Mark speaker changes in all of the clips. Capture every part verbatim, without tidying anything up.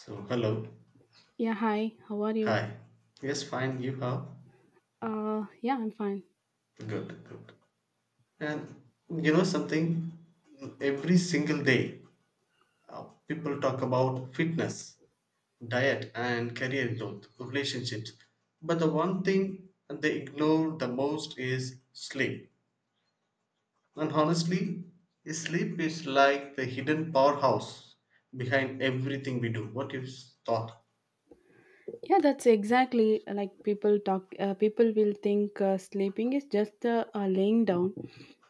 Speaker 1: So, hello.
Speaker 2: Yeah, hi. How are you?
Speaker 1: Hi. Yes, fine. You how?
Speaker 2: Uh, yeah, I'm fine.
Speaker 1: Good, good. And you know something? Every single day, uh, people talk about fitness, diet, and career growth, relationships. But the one thing they ignore the most is sleep. And honestly, sleep is like the hidden powerhouse behind everything we do. What is thought?
Speaker 2: Yeah, that's exactly like people talk. Uh, people will think uh, sleeping is just uh, uh, laying down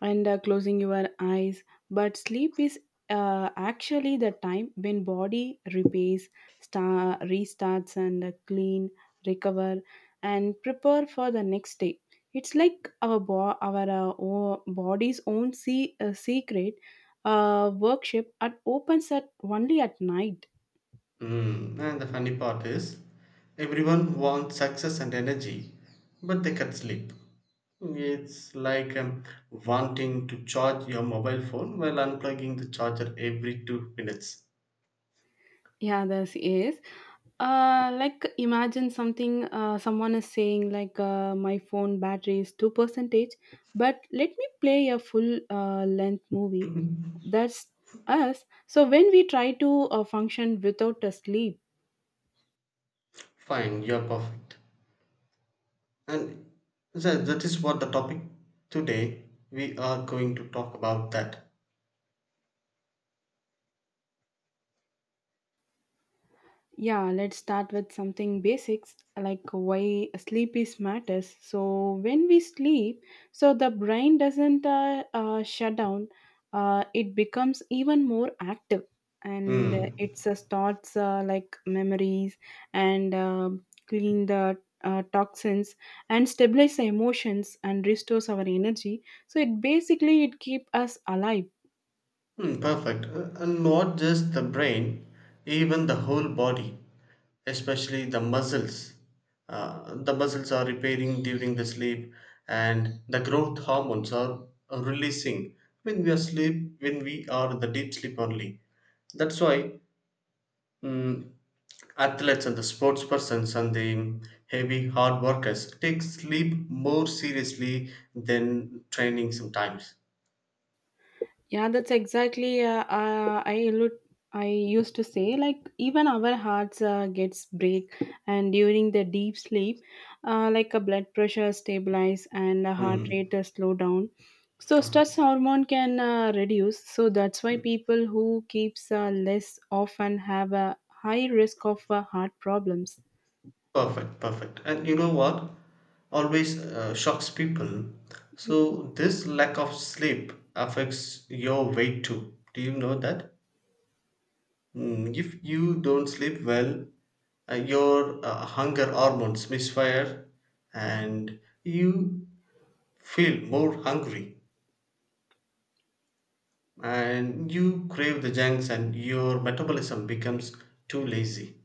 Speaker 2: and uh, closing your eyes, but sleep is uh, actually the time when body repairs, star restarts, and uh, clean, recover, and prepare for the next day. It's like our bo- our uh, o- body's own se- uh, secret uh, workshop. It opens at only at night.
Speaker 1: Mm. And the funny part is, everyone wants success and energy, but they can sleep. It's like um, wanting to charge your mobile phone while unplugging the charger every two minutes.
Speaker 2: Yeah, this is. Uh, like imagine something. Uh, someone is saying like, uh, my phone battery is two percentage, but let me play a full uh, length movie. That's us. So when we try to uh, function without a sleep.
Speaker 1: Fine, you're perfect. And that, that is what the topic today we are going to talk about that.
Speaker 2: Yeah, let's start with something basics like why sleep is matters. So when we sleep, so the brain doesn't uh, uh, shut down. Uh, it becomes even more active, and uh,
Speaker 1: Hmm.
Speaker 2: it's uh, starts uh, like memories and uh, clean the uh, toxins and stabilize the emotions and restores our energy. So it basically it keep us alive.
Speaker 1: Hmm, perfect. Uh, And not just the brain, even the whole body, especially the muscles. Uh, the muscles are repairing during the sleep, and the growth hormones are are releasing when we are sleep, when we are the deep sleep only. That's why mm, athletes and the sports persons and the heavy hard workers take sleep more seriously than training sometimes.
Speaker 2: Yeah, that's exactly. Uh, uh, I allu- I used to say like even our hearts uh, gets break, and during the deep sleep, uh, like a blood pressure stabilize and a heart
Speaker 1: Hmm.
Speaker 2: rate uh, slow down. So stress hormone can uh, reduce. So that's why people who keeps uh, less often have a high risk of uh, heart problems.
Speaker 1: Perfect, perfect. And you know what? Always uh, shocks people. So, this lack of sleep affects your weight too. Do you know that? Mm, if you don't sleep well, uh, your uh, hunger hormones misfire and you feel more hungry and you crave the junks and your metabolism becomes too lazy.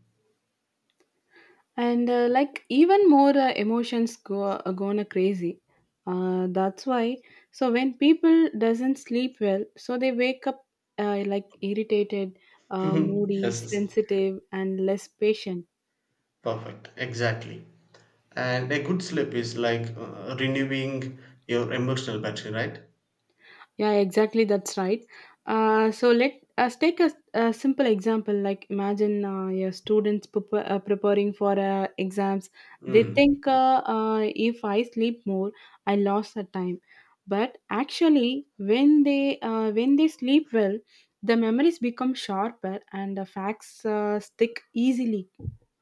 Speaker 2: And uh, like even more uh, emotions go uh, gonna crazy, uh, that's why so when people doesn't sleep well so they wake up uh, like irritated, uh, moody
Speaker 1: Yes, yes.
Speaker 2: sensitive and less patient.
Speaker 1: Perfect. Exactly. And a good sleep is like uh, renewing your emotional battery, right?
Speaker 2: Yeah, exactly. That's right. Uh, so let us take a, a simple example. Like imagine uh, your students prep- uh, preparing for uh, exams. They
Speaker 1: Mm.
Speaker 2: think uh, uh, if I sleep more, I lost the time. But actually, when they uh, when they sleep well, the memories become sharper and the facts uh, stick easily.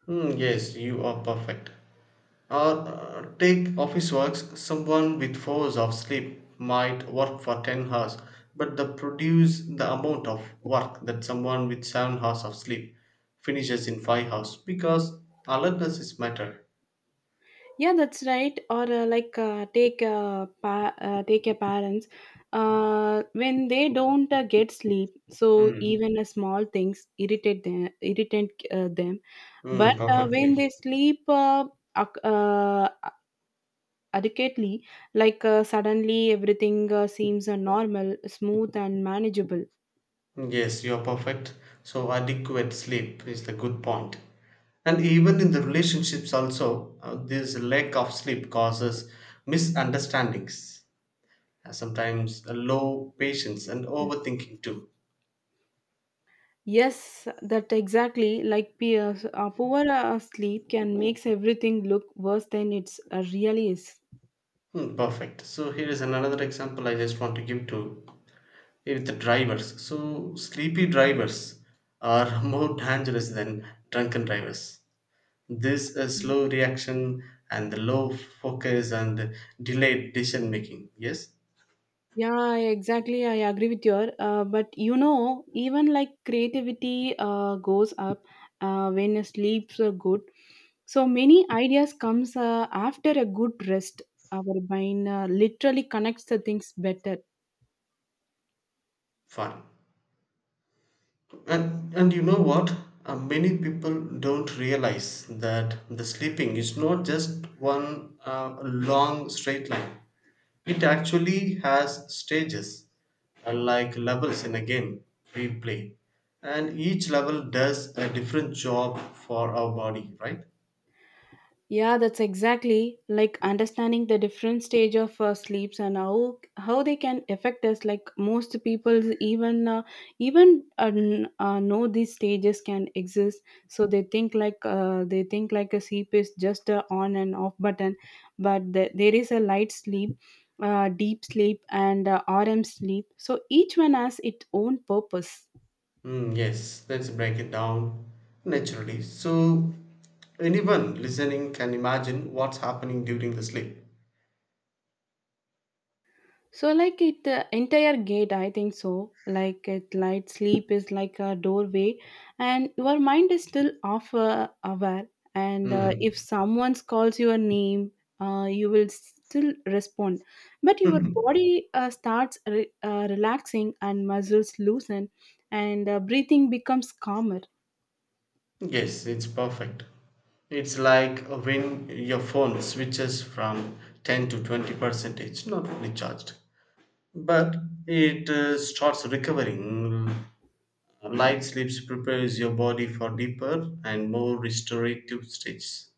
Speaker 1: Mm, yes, you are perfect. Or uh, take office works. Someone with four hours of sleep might work for ten hours, but they produce the amount of work that someone with seven hours of sleep finishes in five hours because alertness is matter.
Speaker 2: Yeah, that's right. Or uh, like uh, take uh, pa- uh, take your parents uh, when they don't uh, get sleep. So
Speaker 1: Mm,
Speaker 2: even uh, small things irritate them, irritate uh, them. But
Speaker 1: mm,
Speaker 2: uh, when
Speaker 1: perfectly.
Speaker 2: they sleep uh, ac- uh, adequately, like uh, suddenly everything uh, seems uh, normal, smooth, and manageable.
Speaker 1: Yes, you're perfect. So adequate sleep is the good point. And even in the relationships also, uh, this lack of sleep causes misunderstandings. Uh, Sometimes a low patience and
Speaker 2: Yes.
Speaker 1: overthinking too.
Speaker 2: Yes, that exactly. Like peer, uh, poor uh, sleep can makes everything look worse than it's uh, really is.
Speaker 1: Hmm, perfect. So here is another example I just want to give to with the drivers. So sleepy drivers are more dangerous than drunken drivers. This uh, slow reaction and the low focus and delayed decision making. Yes,
Speaker 2: Yeah, exactly. I agree with your. Uh, but you know, even like creativity uh, goes up uh, when your sleeps are good. So many ideas comes uh, after a good rest. Our mind uh, literally connects the things better.
Speaker 1: fun. And and you know what? Uh, many people don't realize that the sleeping is not just one uh, long straight line. It actually has stages, uh, like levels in a game we play, and each level does a different job for our body, right?
Speaker 2: Yeah, that's exactly like understanding the different stage of uh, sleeps and how how they can affect us. Like most people, even uh, even uh, n- uh, know these stages can exist, so they think like uh, they think like a sleep is just a on and off button, but the, there is a light sleep. Uh, deep sleep and uh, R M sleep. So each one has its own purpose.
Speaker 1: Mm, yes, let's break it down naturally. So, anyone listening can imagine what's happening during the sleep.
Speaker 2: So, like it uh, entire gate, I think so. Like it, light sleep is like a doorway, and your mind is still off uh, aware. And uh, if
Speaker 1: Mm,
Speaker 2: someone calls your name, uh, you will still respond, but your body uh, starts re- uh, relaxing and muscles loosen, and uh, breathing becomes calmer.
Speaker 1: yes, it's perfect. It's like when your phone switches from ten to twenty percentage, not fully charged, but it uh, starts recovering. Light sleeps prepares your body for deeper and more restorative stages.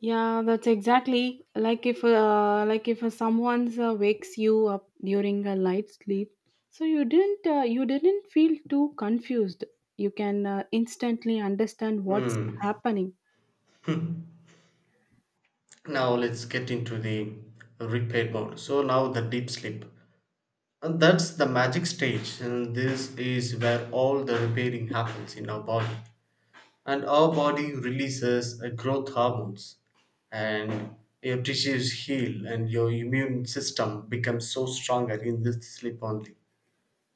Speaker 2: Yeah, that's exactly like if uh, like if someone's uh, wakes you up during a light sleep, so you didn't uh, you didn't feel too confused. You can uh, instantly understand what's
Speaker 1: Hmm.
Speaker 2: happening.
Speaker 1: Now let's get into the repair mode. So now the deep sleep, and that's the magic stage, and this is where all the repairing happens in our body, and our body releases a growth hormones, and your tissues heal, and your immune system becomes so stronger in this sleep only.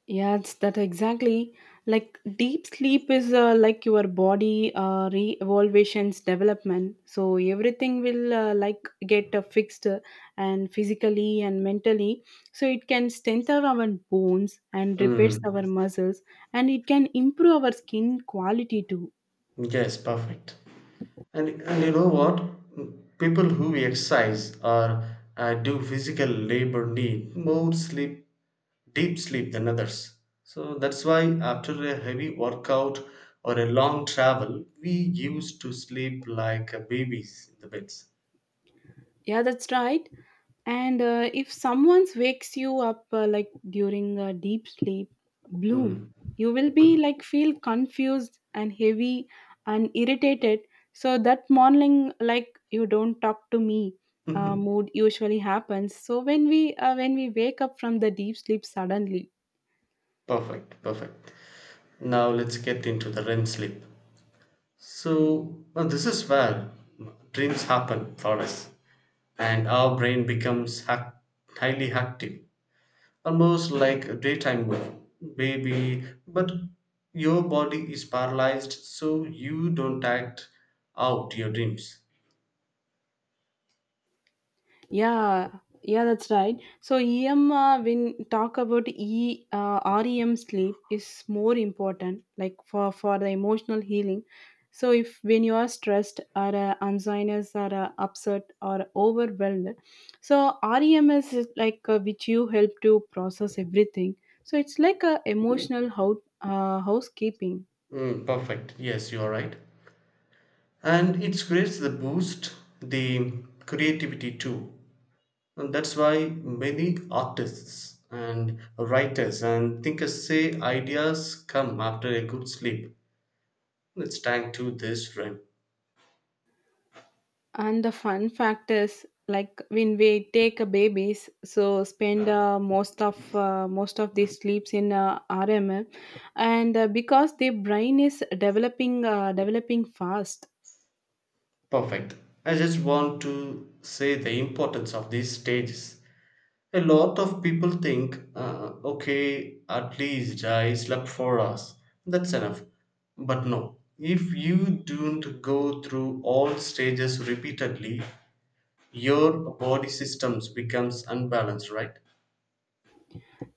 Speaker 2: Yeah, it's that exactly. Like deep sleep is uh, like your body uh, re-evaluation's development. So everything will uh, like get uh, fixed uh, and physically and mentally. So it can strengthen our bones and repairs
Speaker 1: Mm.
Speaker 2: our muscles, and it can improve our skin quality too.
Speaker 1: Yes, perfect. And and you know what? People who exercise or uh, do physical labor need more sleep, deep sleep than others. So that's why after a heavy workout or a long travel, we used to sleep like uh, babies in the beds.
Speaker 2: Yeah, that's right. And uh, if someone wakes you up uh, like during a deep sleep, bloom,
Speaker 1: Hmm.
Speaker 2: you will be like feel confused and heavy and irritated. So that morning, like you don't talk to me, uh, mood usually happens. So when we uh, when we wake up from the deep sleep suddenly.
Speaker 1: Perfect, perfect. Now let's get into the R E M sleep. So uh, this is where dreams happen for us, and our brain becomes hac- highly active, almost like a daytime wo- baby, but your body is paralyzed, so you don't act out your dreams.
Speaker 2: Yeah, yeah, that's right. So E M uh, when talk about E uh, REM sleep is more important, like for for the emotional healing. So if when you are stressed or uh, anxious or uh, upset or overwhelmed, so REM is like uh, which you help to process everything. So it's like a emotional house uh, housekeeping.
Speaker 1: Mm, perfect. Yes, you are right, and it creates the boost, the creativity too, and that's why many artists and writers and thinkers say ideas come after a good sleep. Let's thank to this friend.
Speaker 2: And the fun fact is, like when we take a babies, so spend uh, most of uh, most of these sleeps in uh, R M L, and uh, because the brain is developing uh, developing fast.
Speaker 1: Perfect. I just want to say the importance of these stages. A lot of people think, uh, okay, at least I slept four hours. That's enough. But no, if you don't go through all stages repeatedly, your body systems becomes unbalanced, right?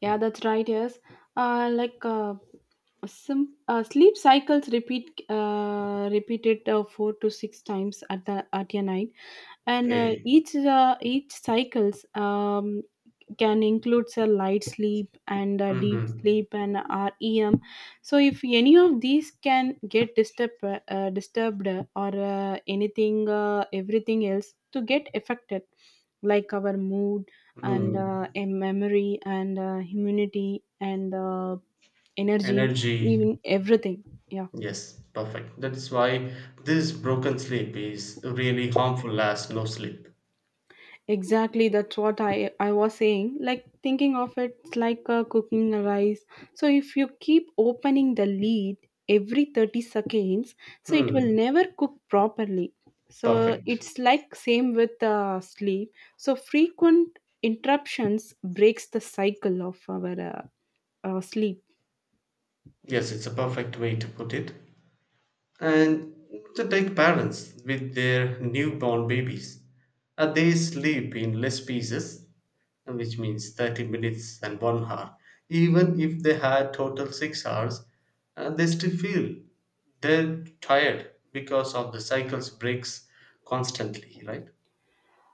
Speaker 2: Yeah, that's right. Yes, uh, like. Uh, some uh, sleep cycles repeat uh, repeated uh, four to six times at the at a night and uh,
Speaker 1: Okay.
Speaker 2: each uh, each cycles um, can includes a light sleep and a deep
Speaker 1: Mm-hmm.
Speaker 2: sleep and REM. So if any of these can get disturbed, uh, disturbed or uh, anything, uh, everything else to get affected, like our mood and
Speaker 1: Mm.
Speaker 2: uh, em- memory and uh, immunity and uh, energy,
Speaker 1: Energy.
Speaker 2: even everything. Yeah.
Speaker 1: Yes, perfect. That is why this broken sleep is really harmful as no sleep.
Speaker 2: Exactly, that's what I, I was saying. Like thinking of it, it's like uh, cooking a rice. So if you keep opening the lid every 30 seconds, so it will
Speaker 1: Hmm.
Speaker 2: never cook properly. So
Speaker 1: Perfect.
Speaker 2: it's like same with uh, sleep. So frequent interruptions breaks the cycle of our uh, uh, sleep.
Speaker 1: Yes, it's a perfect way to put it. And to take parents with their newborn babies, uh, they sleep in less pieces, which means thirty minutes and one hour. Even if they had total six hours, uh, they still feel they're tired because of the cycle's breaks constantly, right?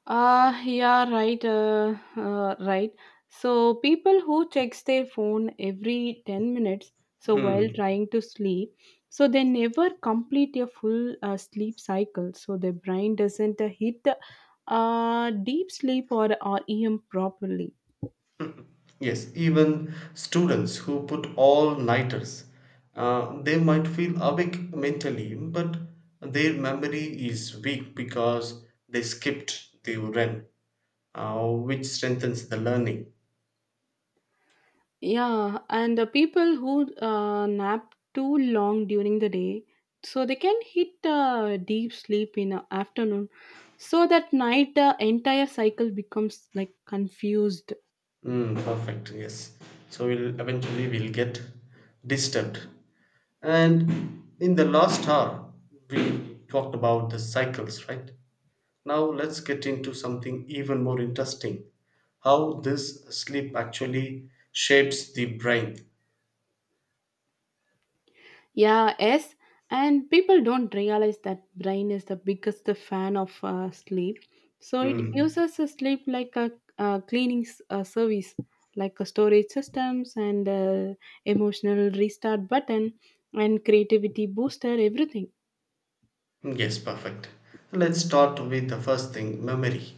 Speaker 2: Uh, yeah, right, uh, uh, right. So people who checks their phone every 10 minutes, so while
Speaker 1: Hmm.
Speaker 2: trying to sleep, so they never complete a full uh, sleep cycle. So their brain doesn't uh, hit uh, deep sleep or REM properly.
Speaker 1: Yes, even students who put all nighters, uh, they might feel awake mentally, but their memory is weak because they skipped the R E M, uh, which strengthens the learning.
Speaker 2: Yeah, and the people who uh, nap too long during the day, so they can hit uh, deep sleep in the afternoon. So that night, the entire cycle becomes like confused.
Speaker 1: Mm, perfect. Yes. So we'll eventually we'll get disturbed. And in the last hour, we talked about the cycles, right? Now let's get into something even more interesting: how this sleep actually shapes the brain.
Speaker 2: Yeah, yes, and people don't realize that brain is the biggest fan of uh, sleep. So it
Speaker 1: Mm,
Speaker 2: uses a sleep like a, uh cleaning s- uh, service, like a storage systems and uh, emotional restart button and creativity booster, everything.
Speaker 1: yes, perfect. Let's start with the first thing memory.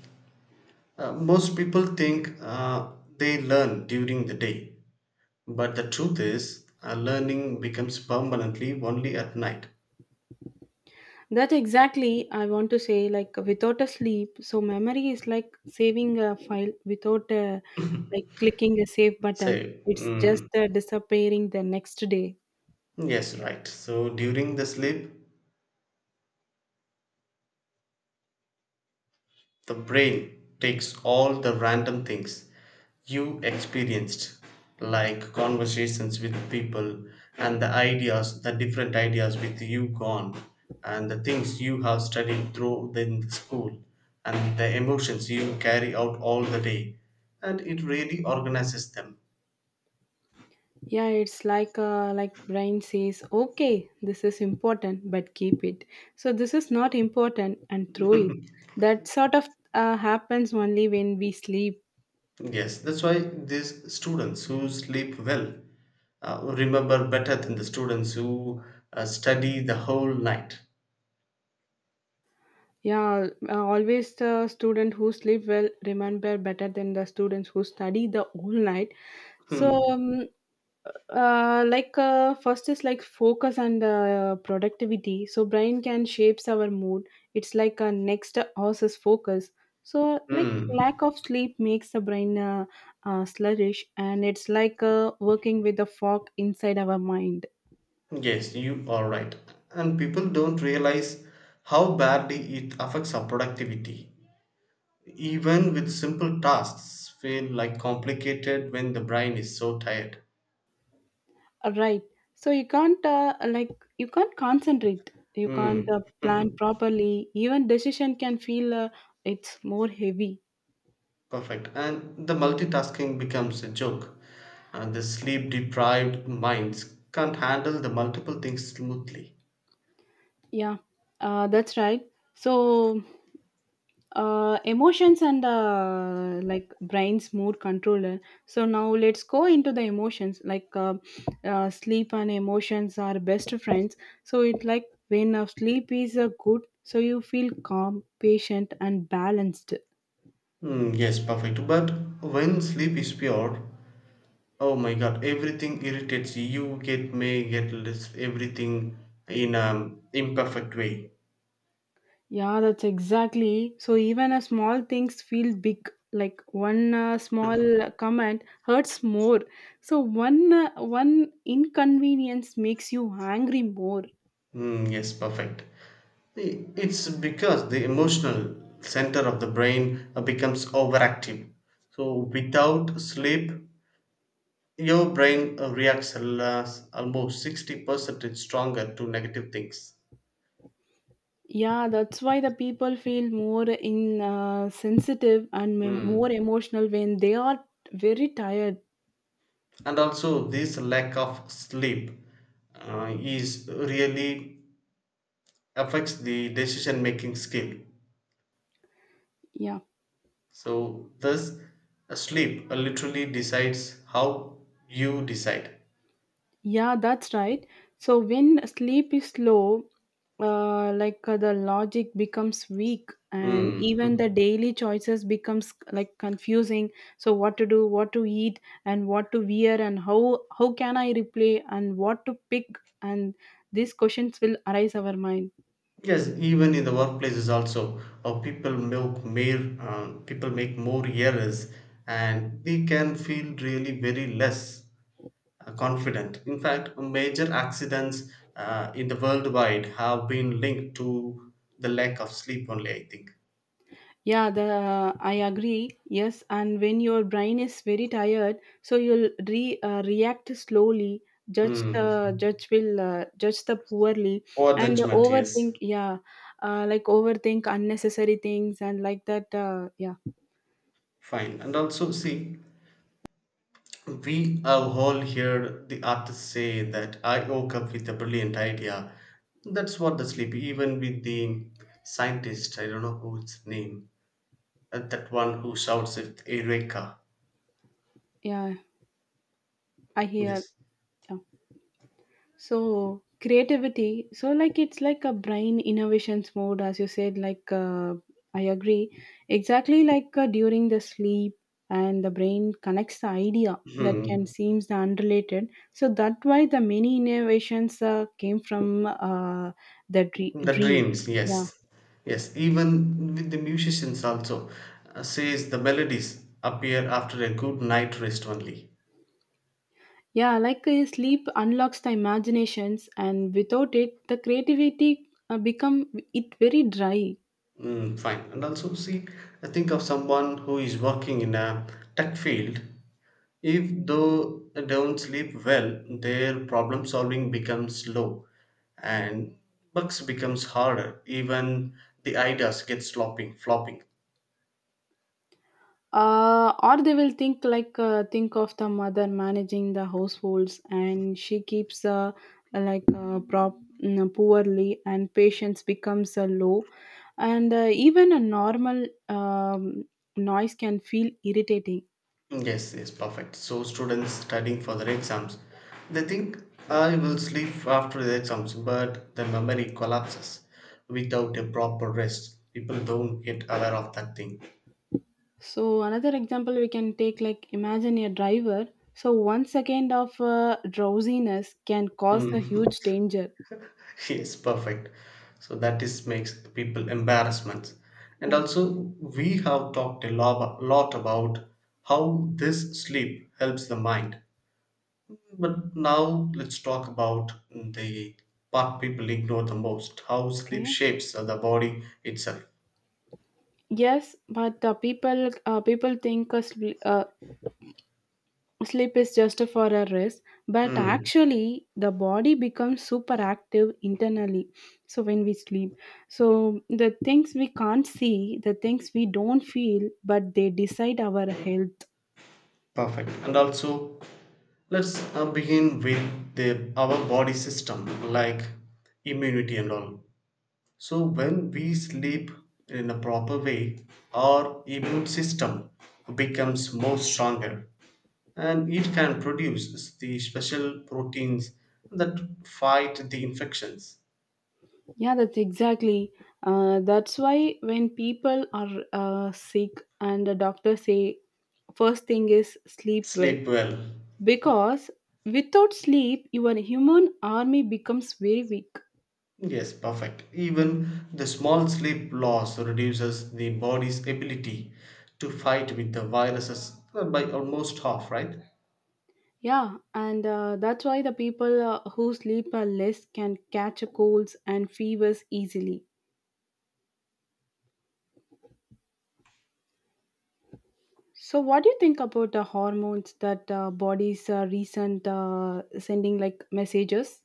Speaker 1: Uh, most people think uh, they learn during the day, but the truth is, uh, learning becomes permanently only at night.
Speaker 2: That exactly I want to say like without a sleep, so memory is like saving a file without uh like clicking a save
Speaker 1: So,
Speaker 2: button, it's just
Speaker 1: mm,
Speaker 2: uh, disappearing the next day.
Speaker 1: yes, right. So, during the sleep, the brain takes all the random things you experienced, like conversations with people and the ideas, the different ideas with you gone, and the things you have studied through in the school, and the emotions you carry out all the day, and it really organizes them.
Speaker 2: Yeah, it's like uh, like brain says okay this is important but keep it, so this is not important and throw it, that sort of uh, happens only when we sleep.
Speaker 1: Yes, that's why these students who sleep well uh, remember better than the students who uh, study the whole night.
Speaker 2: Yeah uh, always the student who sleep well remember better than the students who study the whole night. So,
Speaker 1: Hmm.
Speaker 2: um, uh, like uh, first is like focus and uh, productivity. So brain can shapes our mood. It's like a next horse's focus. So like
Speaker 1: Hmm.
Speaker 2: lack of sleep makes the brain uh, uh, sluggish, and it's like uh, working with the fog inside our mind.
Speaker 1: Yes, you are right. And people don't realize how badly it affects our productivity. Even with simple tasks feel like complicated when the brain is so tired.
Speaker 2: Right. So you can't uh, like you can't concentrate. You can't
Speaker 1: Hmm.
Speaker 2: uh, plan properly. Even decision can feel uh, it's more heavy.
Speaker 1: Perfect. And the multitasking becomes a joke. And the sleep deprived minds can't handle the multiple things smoothly.
Speaker 2: Yeah, uh, that's right. So uh, emotions and uh, like brain's mood controller. So now let's go into the emotions. Like uh, uh, sleep and emotions are best friends. So it like when uh, sleep is uh, good, so you feel calm, patient, and balanced.
Speaker 1: Hmm, yes, perfect. But when sleep is pure, oh my god, everything irritates you. You get may get less everything in an imperfect way.
Speaker 2: Yeah, that's exactly. So even a small things feel big. Like one uh, small comment hurts more. So one uh, one inconvenience makes you angry more.
Speaker 1: Mm, yes, perfect. I- It's because the emotional center of the brain uh, becomes overactive. So without sleep, your brain uh, reacts al- almost sixty percent stronger to negative things.
Speaker 2: Yeah, that's why the people feel more in uh, sensitive and mem- more
Speaker 1: Mm.
Speaker 2: emotional when they are very tired.
Speaker 1: And also, this lack of sleep uh, is really affects the decision making skill.
Speaker 2: Yeah.
Speaker 1: So, thus, a sleep uh, literally decides how you decide.
Speaker 2: Yeah, that's right. So when sleep is slow, uh, like uh, the logic becomes weak, and even
Speaker 1: Mm.
Speaker 2: the daily choices becomes like confusing. So what to do, what to eat, and what to wear, and how how can I replay, and what to pick, and these questions will arise our mind.
Speaker 1: Yes, even in the workplaces also, uh, people make mere uh, people make more errors, and they can feel really very less uh, confident. In fact, major accidents uh, in the worldwide have been linked to the lack of sleep only. I think.
Speaker 2: Yeah, the uh, I agree. Yes, and when your brain is very tired, so you'll re uh, react slowly. Judge
Speaker 1: Mm.
Speaker 2: the judge will uh, judge the poorly
Speaker 1: Poor
Speaker 2: and
Speaker 1: judgment. Yes,
Speaker 2: overthink. Yeah, uh, like overthink unnecessary things and like that. Uh, yeah,
Speaker 1: fine, and also see. We have all heard the artist say that I woke up with a brilliant idea. That's what the sleep, even with the scientist, I don't know whose name, uh, that one who shouts it, Eureka.
Speaker 2: yeah, I hear.
Speaker 1: Yes.
Speaker 2: Yeah. So creativity, so like it's like a brain innovations mode, as you said. Like uh, I agree, exactly like uh, during the sleep, and the brain connects the idea that can
Speaker 1: Hmm.
Speaker 2: seems unrelated. So that why the many innovations uh, came from uh, the dre-
Speaker 1: The
Speaker 2: dream.
Speaker 1: dreams,
Speaker 2: Yeah.
Speaker 1: yes. Yes, even with the musicians also, uh, says the melodies appear after a good night rest only.
Speaker 2: Yeah, like uh, sleep unlocks the imaginations, and without it, the creativity uh, become it very dry.
Speaker 1: Mm, fine. And also, see, I think of someone who is working in a tech field. If though they don't sleep well, their problem solving becomes low, and bugs becomes harder. Even the ideas get slopping, flopping.
Speaker 2: Uh, or they will think like uh, think of the mother managing the households and she keeps uh, like uh, prop mm, poorly and patience becomes uh, low and uh, even a normal um, noise can feel irritating.
Speaker 1: Yes, yes, perfect. So students studying for their exams, they think I will sleep after the exams, but the memory collapses without a proper rest. People don't get aware of that thing.
Speaker 2: So another example we can take, like imagine a driver, so one second of uh, drowsiness can cause a
Speaker 1: Hmm.
Speaker 2: huge danger.
Speaker 1: Yes, perfect. So that is makes people embarrassments. And
Speaker 2: Yeah.
Speaker 1: also we have talked a lot, lot about how this sleep helps the mind, but now let's talk about the part people ignore the most: how sleep
Speaker 2: Okay.
Speaker 1: shapes the body itself.
Speaker 2: Yes, but uh, people uh, people think uh, sl- uh, sleep is just for a rest, but
Speaker 1: Hmm,
Speaker 2: actually the body becomes super active internally. So when we sleep, so the things we can't see, the things we don't feel, but they decide our health.
Speaker 1: perfect. And also, let's uh, begin with the our body system, like immunity and all. So, when we sleep in a proper way, our immune system becomes more stronger and it can produce the special proteins that fight the infections.
Speaker 2: Yeah, that's exactly. Uh, that's why when people are uh, sick and the doctor say first thing is sleep well
Speaker 1: Sleep well.
Speaker 2: because without sleep your human army becomes very weak.
Speaker 1: Yes, perfect. Even the small sleep loss reduces the body's ability to fight with the viruses by almost half, right?
Speaker 2: Yeah, and uh, that's why the people uh, who sleep uh, less can catch colds and fevers easily. So, what do you think about the hormones that uh, bodies uh, recent uh, sending like messages?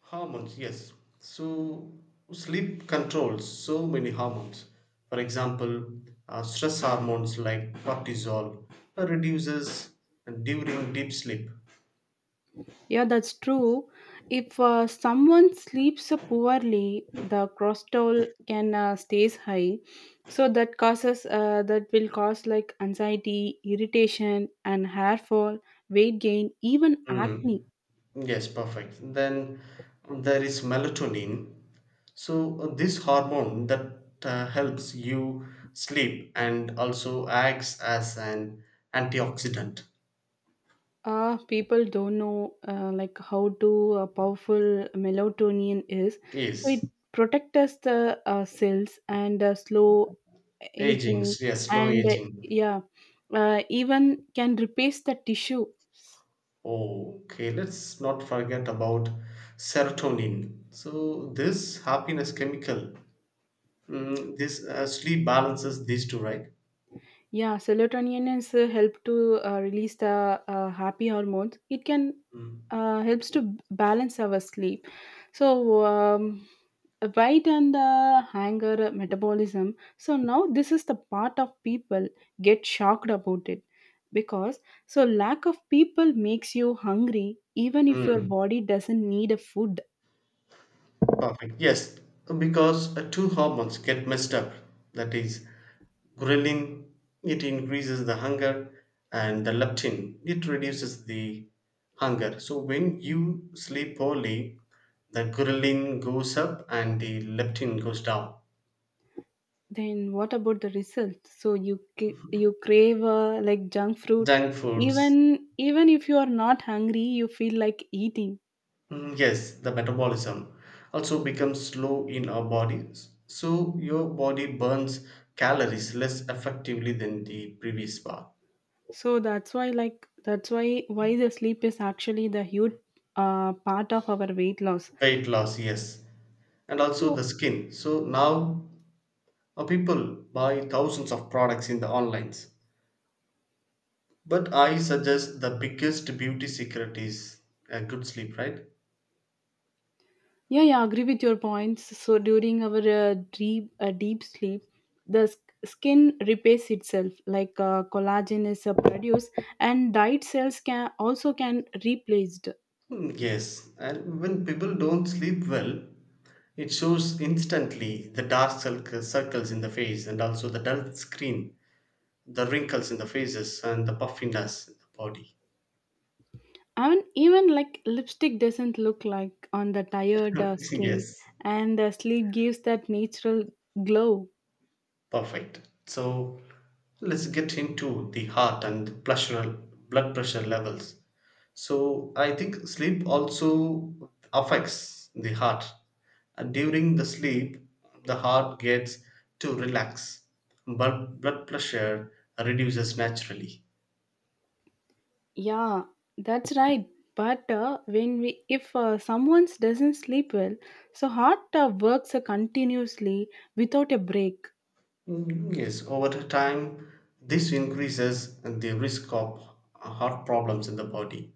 Speaker 1: Hormones, yes. So sleep controls so many hormones. For example, uh, stress hormones like cortisol uh, reduces during deep sleep.
Speaker 2: Yeah, that's true. If uh, someone sleeps poorly, the cortisol can uh, stays high. So that causes uh, that will cause like anxiety, irritation, and hair fall, weight gain, even acne.
Speaker 1: Mm, yes, perfect. Then there is melatonin. So uh, this hormone that uh, helps you sleep and also acts as an antioxidant.
Speaker 2: Uh people don't know uh, like how to uh, powerful melatonin is, so it
Speaker 1: Yes,
Speaker 2: protects the uh, cells and uh, slow
Speaker 1: aging,
Speaker 2: aging,
Speaker 1: yes, slow
Speaker 2: and uh,
Speaker 1: aging.
Speaker 2: yeah uh, even can replace the tissue.
Speaker 1: Okay, let's not forget about serotonin. So this happiness chemical, mm, this uh, sleep balances these two, right?
Speaker 2: Yeah, serotonin is uh, help to uh, release the uh, happy hormones. It can
Speaker 1: Mm.
Speaker 2: uh, helps to b- balance our sleep. So um, weight and the hunger metabolism. So now this is the part of people get shocked about it, because so lack of people makes you hungry even if your
Speaker 1: Mm,
Speaker 2: body doesn't need a food.
Speaker 1: perfect. Yes, because uh, two hormones get messed up. That is, ghrelin it increases the hunger, and the leptin it reduces the hunger. So when you sleep poorly, the ghrelin goes up and the leptin goes down.
Speaker 2: Then what about the result? So you ca- you crave uh, like junk fruit,
Speaker 1: Junk foods,
Speaker 2: even even if you are not hungry, you feel like eating.
Speaker 1: mm, yes, the metabolism also becomes slow in our bodies, so your body burns calories less effectively than the previous bar.
Speaker 2: So that's why like that's why why the sleep is actually the huge uh, part of our weight loss.
Speaker 1: Weight loss, yes, and also
Speaker 2: So
Speaker 1: the skin. So now uh, people buy thousands of products in the online, but I suggest the biggest beauty secret is a good sleep, right?
Speaker 2: yeah, yeah, I agree with your points. So during our uh, deep uh, deep sleep, the s- skin repairs itself, like uh, collagen is uh, produced, and diet cells can also can replaced.
Speaker 1: Mm, yes, and when people don't sleep well, it shows instantly the dark circ- circles in the face and also the dull skin, the wrinkles in the faces, and the puffiness in the body.
Speaker 2: I mean, even like lipstick doesn't look like on the tired uh, skin,
Speaker 1: Yes.
Speaker 2: and the sleep gives that natural glow.
Speaker 1: Perfect. So let's get into the heart and the pleasural blood pressure levels. So I think sleep also affects the heart. And during the sleep, the heart gets to relax, but blood pressure reduces naturally.
Speaker 2: Yeah, that's right. But uh, when we, if uh, someone doesn't sleep well, so heart uh, works uh, continuously without a break.
Speaker 1: Mm, yes, over the time, this increases the risk of heart problems in the body.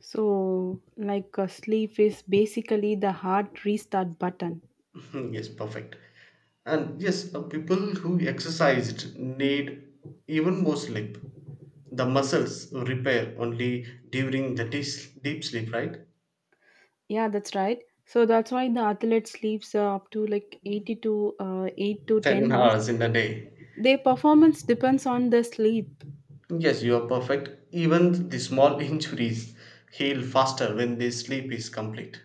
Speaker 2: So, like uh, sleep is basically the heart restart button.
Speaker 1: Hmm, yes, perfect. And yes, uh, people who exercised need even more sleep. The muscles repair only during the deep deep sleep, right?
Speaker 2: Yeah, that's right. So that's why the athlete sleeps uh, up to like eighty to uh, eight to ten
Speaker 1: ten
Speaker 2: hours.
Speaker 1: hours in a day.
Speaker 2: Their performance depends on the sleep.
Speaker 1: Yes, you are perfect. Even the small injuries heal faster when the sleep is complete.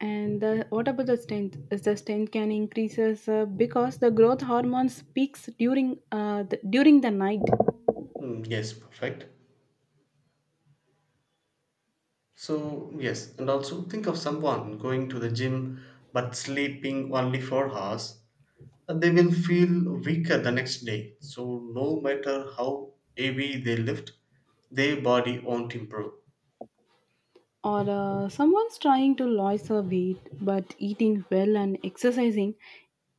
Speaker 2: And the, what about the strength? Is the strength can increases uh, because the growth hormones peaks during uh, the, during the night.
Speaker 1: Hmm, yes, perfect. So, yes, and also think of someone going to the gym but sleeping only four hours. They will feel weaker the next day. So, no matter how heavy they lift, their body won't improve.
Speaker 2: Or uh, someone's trying to lose a weight, but eating well and exercising,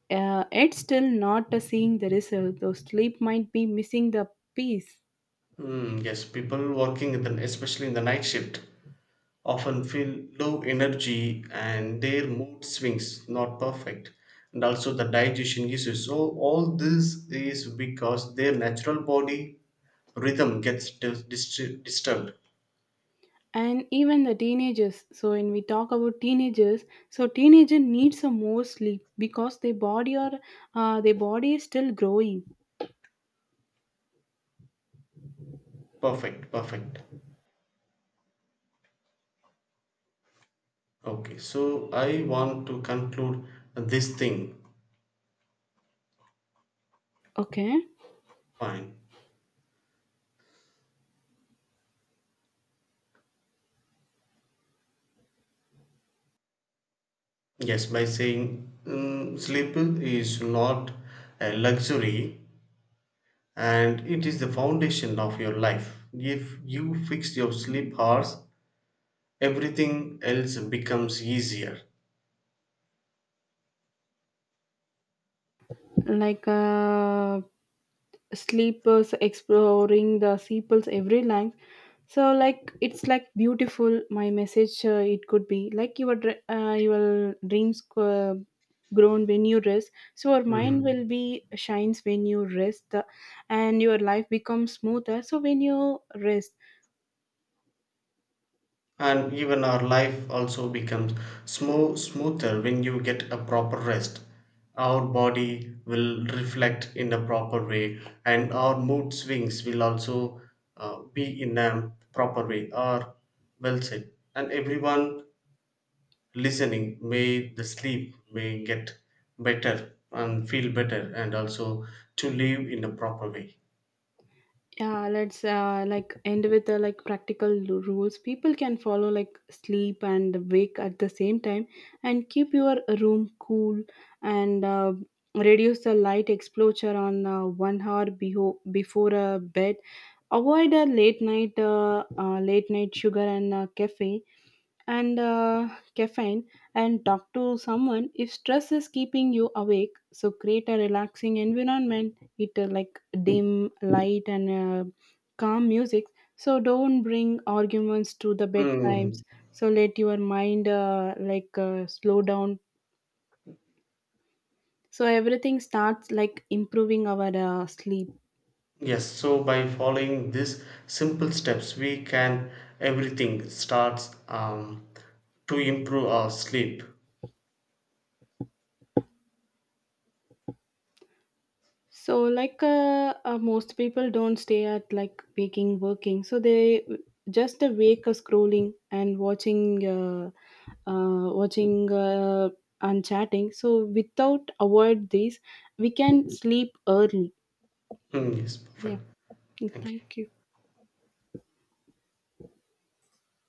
Speaker 2: uh, it's still not uh, seeing the result. Though sleep might be missing the piece.
Speaker 1: Hmm, yes, people working, in the, especially in the night shift, often feel low energy and their mood swings, not perfect. And also the digestion issues. So, all this is because their natural body rhythm gets dis- dis- disturbed.
Speaker 2: And even the teenagers, so when we talk about teenagers, so teenager needs a more sleep because their body or uh, their body is still growing.
Speaker 1: Perfect, perfect. Okay, so I want to conclude this thing.
Speaker 2: Okay,
Speaker 1: Fine. Yes, by saying "Mm, "sleep is not a luxury and it is the foundation of your life. If you fix your sleep hours, everything else becomes easier.
Speaker 2: like uh, sleepers exploring the sepals every line, so like it's like beautiful my message uh, It could be like your dr- uh, your dreams uh, grown when you rest, so your mind will
Speaker 1: Mm.
Speaker 2: be shines when you rest uh, and your life becomes smoother, so when you rest.
Speaker 1: And even our life also becomes smooth, smoother when you get a proper rest. Our body will reflect in a proper way, and our mood swings will also uh, be in a proper way. Or, well said. And everyone listening, may the sleep may get better and feel better and also to live in a proper way.
Speaker 2: Yeah, let's uh, like end with uh, like practical l- rules people can follow, like sleep and wake at the same time, and keep your room cool, and uh, reduce the light exposure on uh, one hour beho- before uh, bed. Avoid a late night uh, uh, late night sugar and uh, caffeine and uh, caffeine, and talk to someone if stress is keeping you awake. So create a relaxing environment, it uh, like dim light and uh, calm music. So don't bring arguments to the bedtimes,
Speaker 1: Mm,
Speaker 2: so let your mind uh, like uh, slow down, so everything starts like improving our uh, sleep.
Speaker 1: yes, so by following these simple steps, we can everything starts um, to improve our sleep.
Speaker 2: So like uh, uh, most people don't stay at like waking working, so they just a wake a scrolling and watching uh, uh, watching uh, and chatting. So without avoid these, we can sleep early.
Speaker 1: Mm, yes,
Speaker 2: Yeah.
Speaker 1: perfect. Thank you.
Speaker 2: Thank you.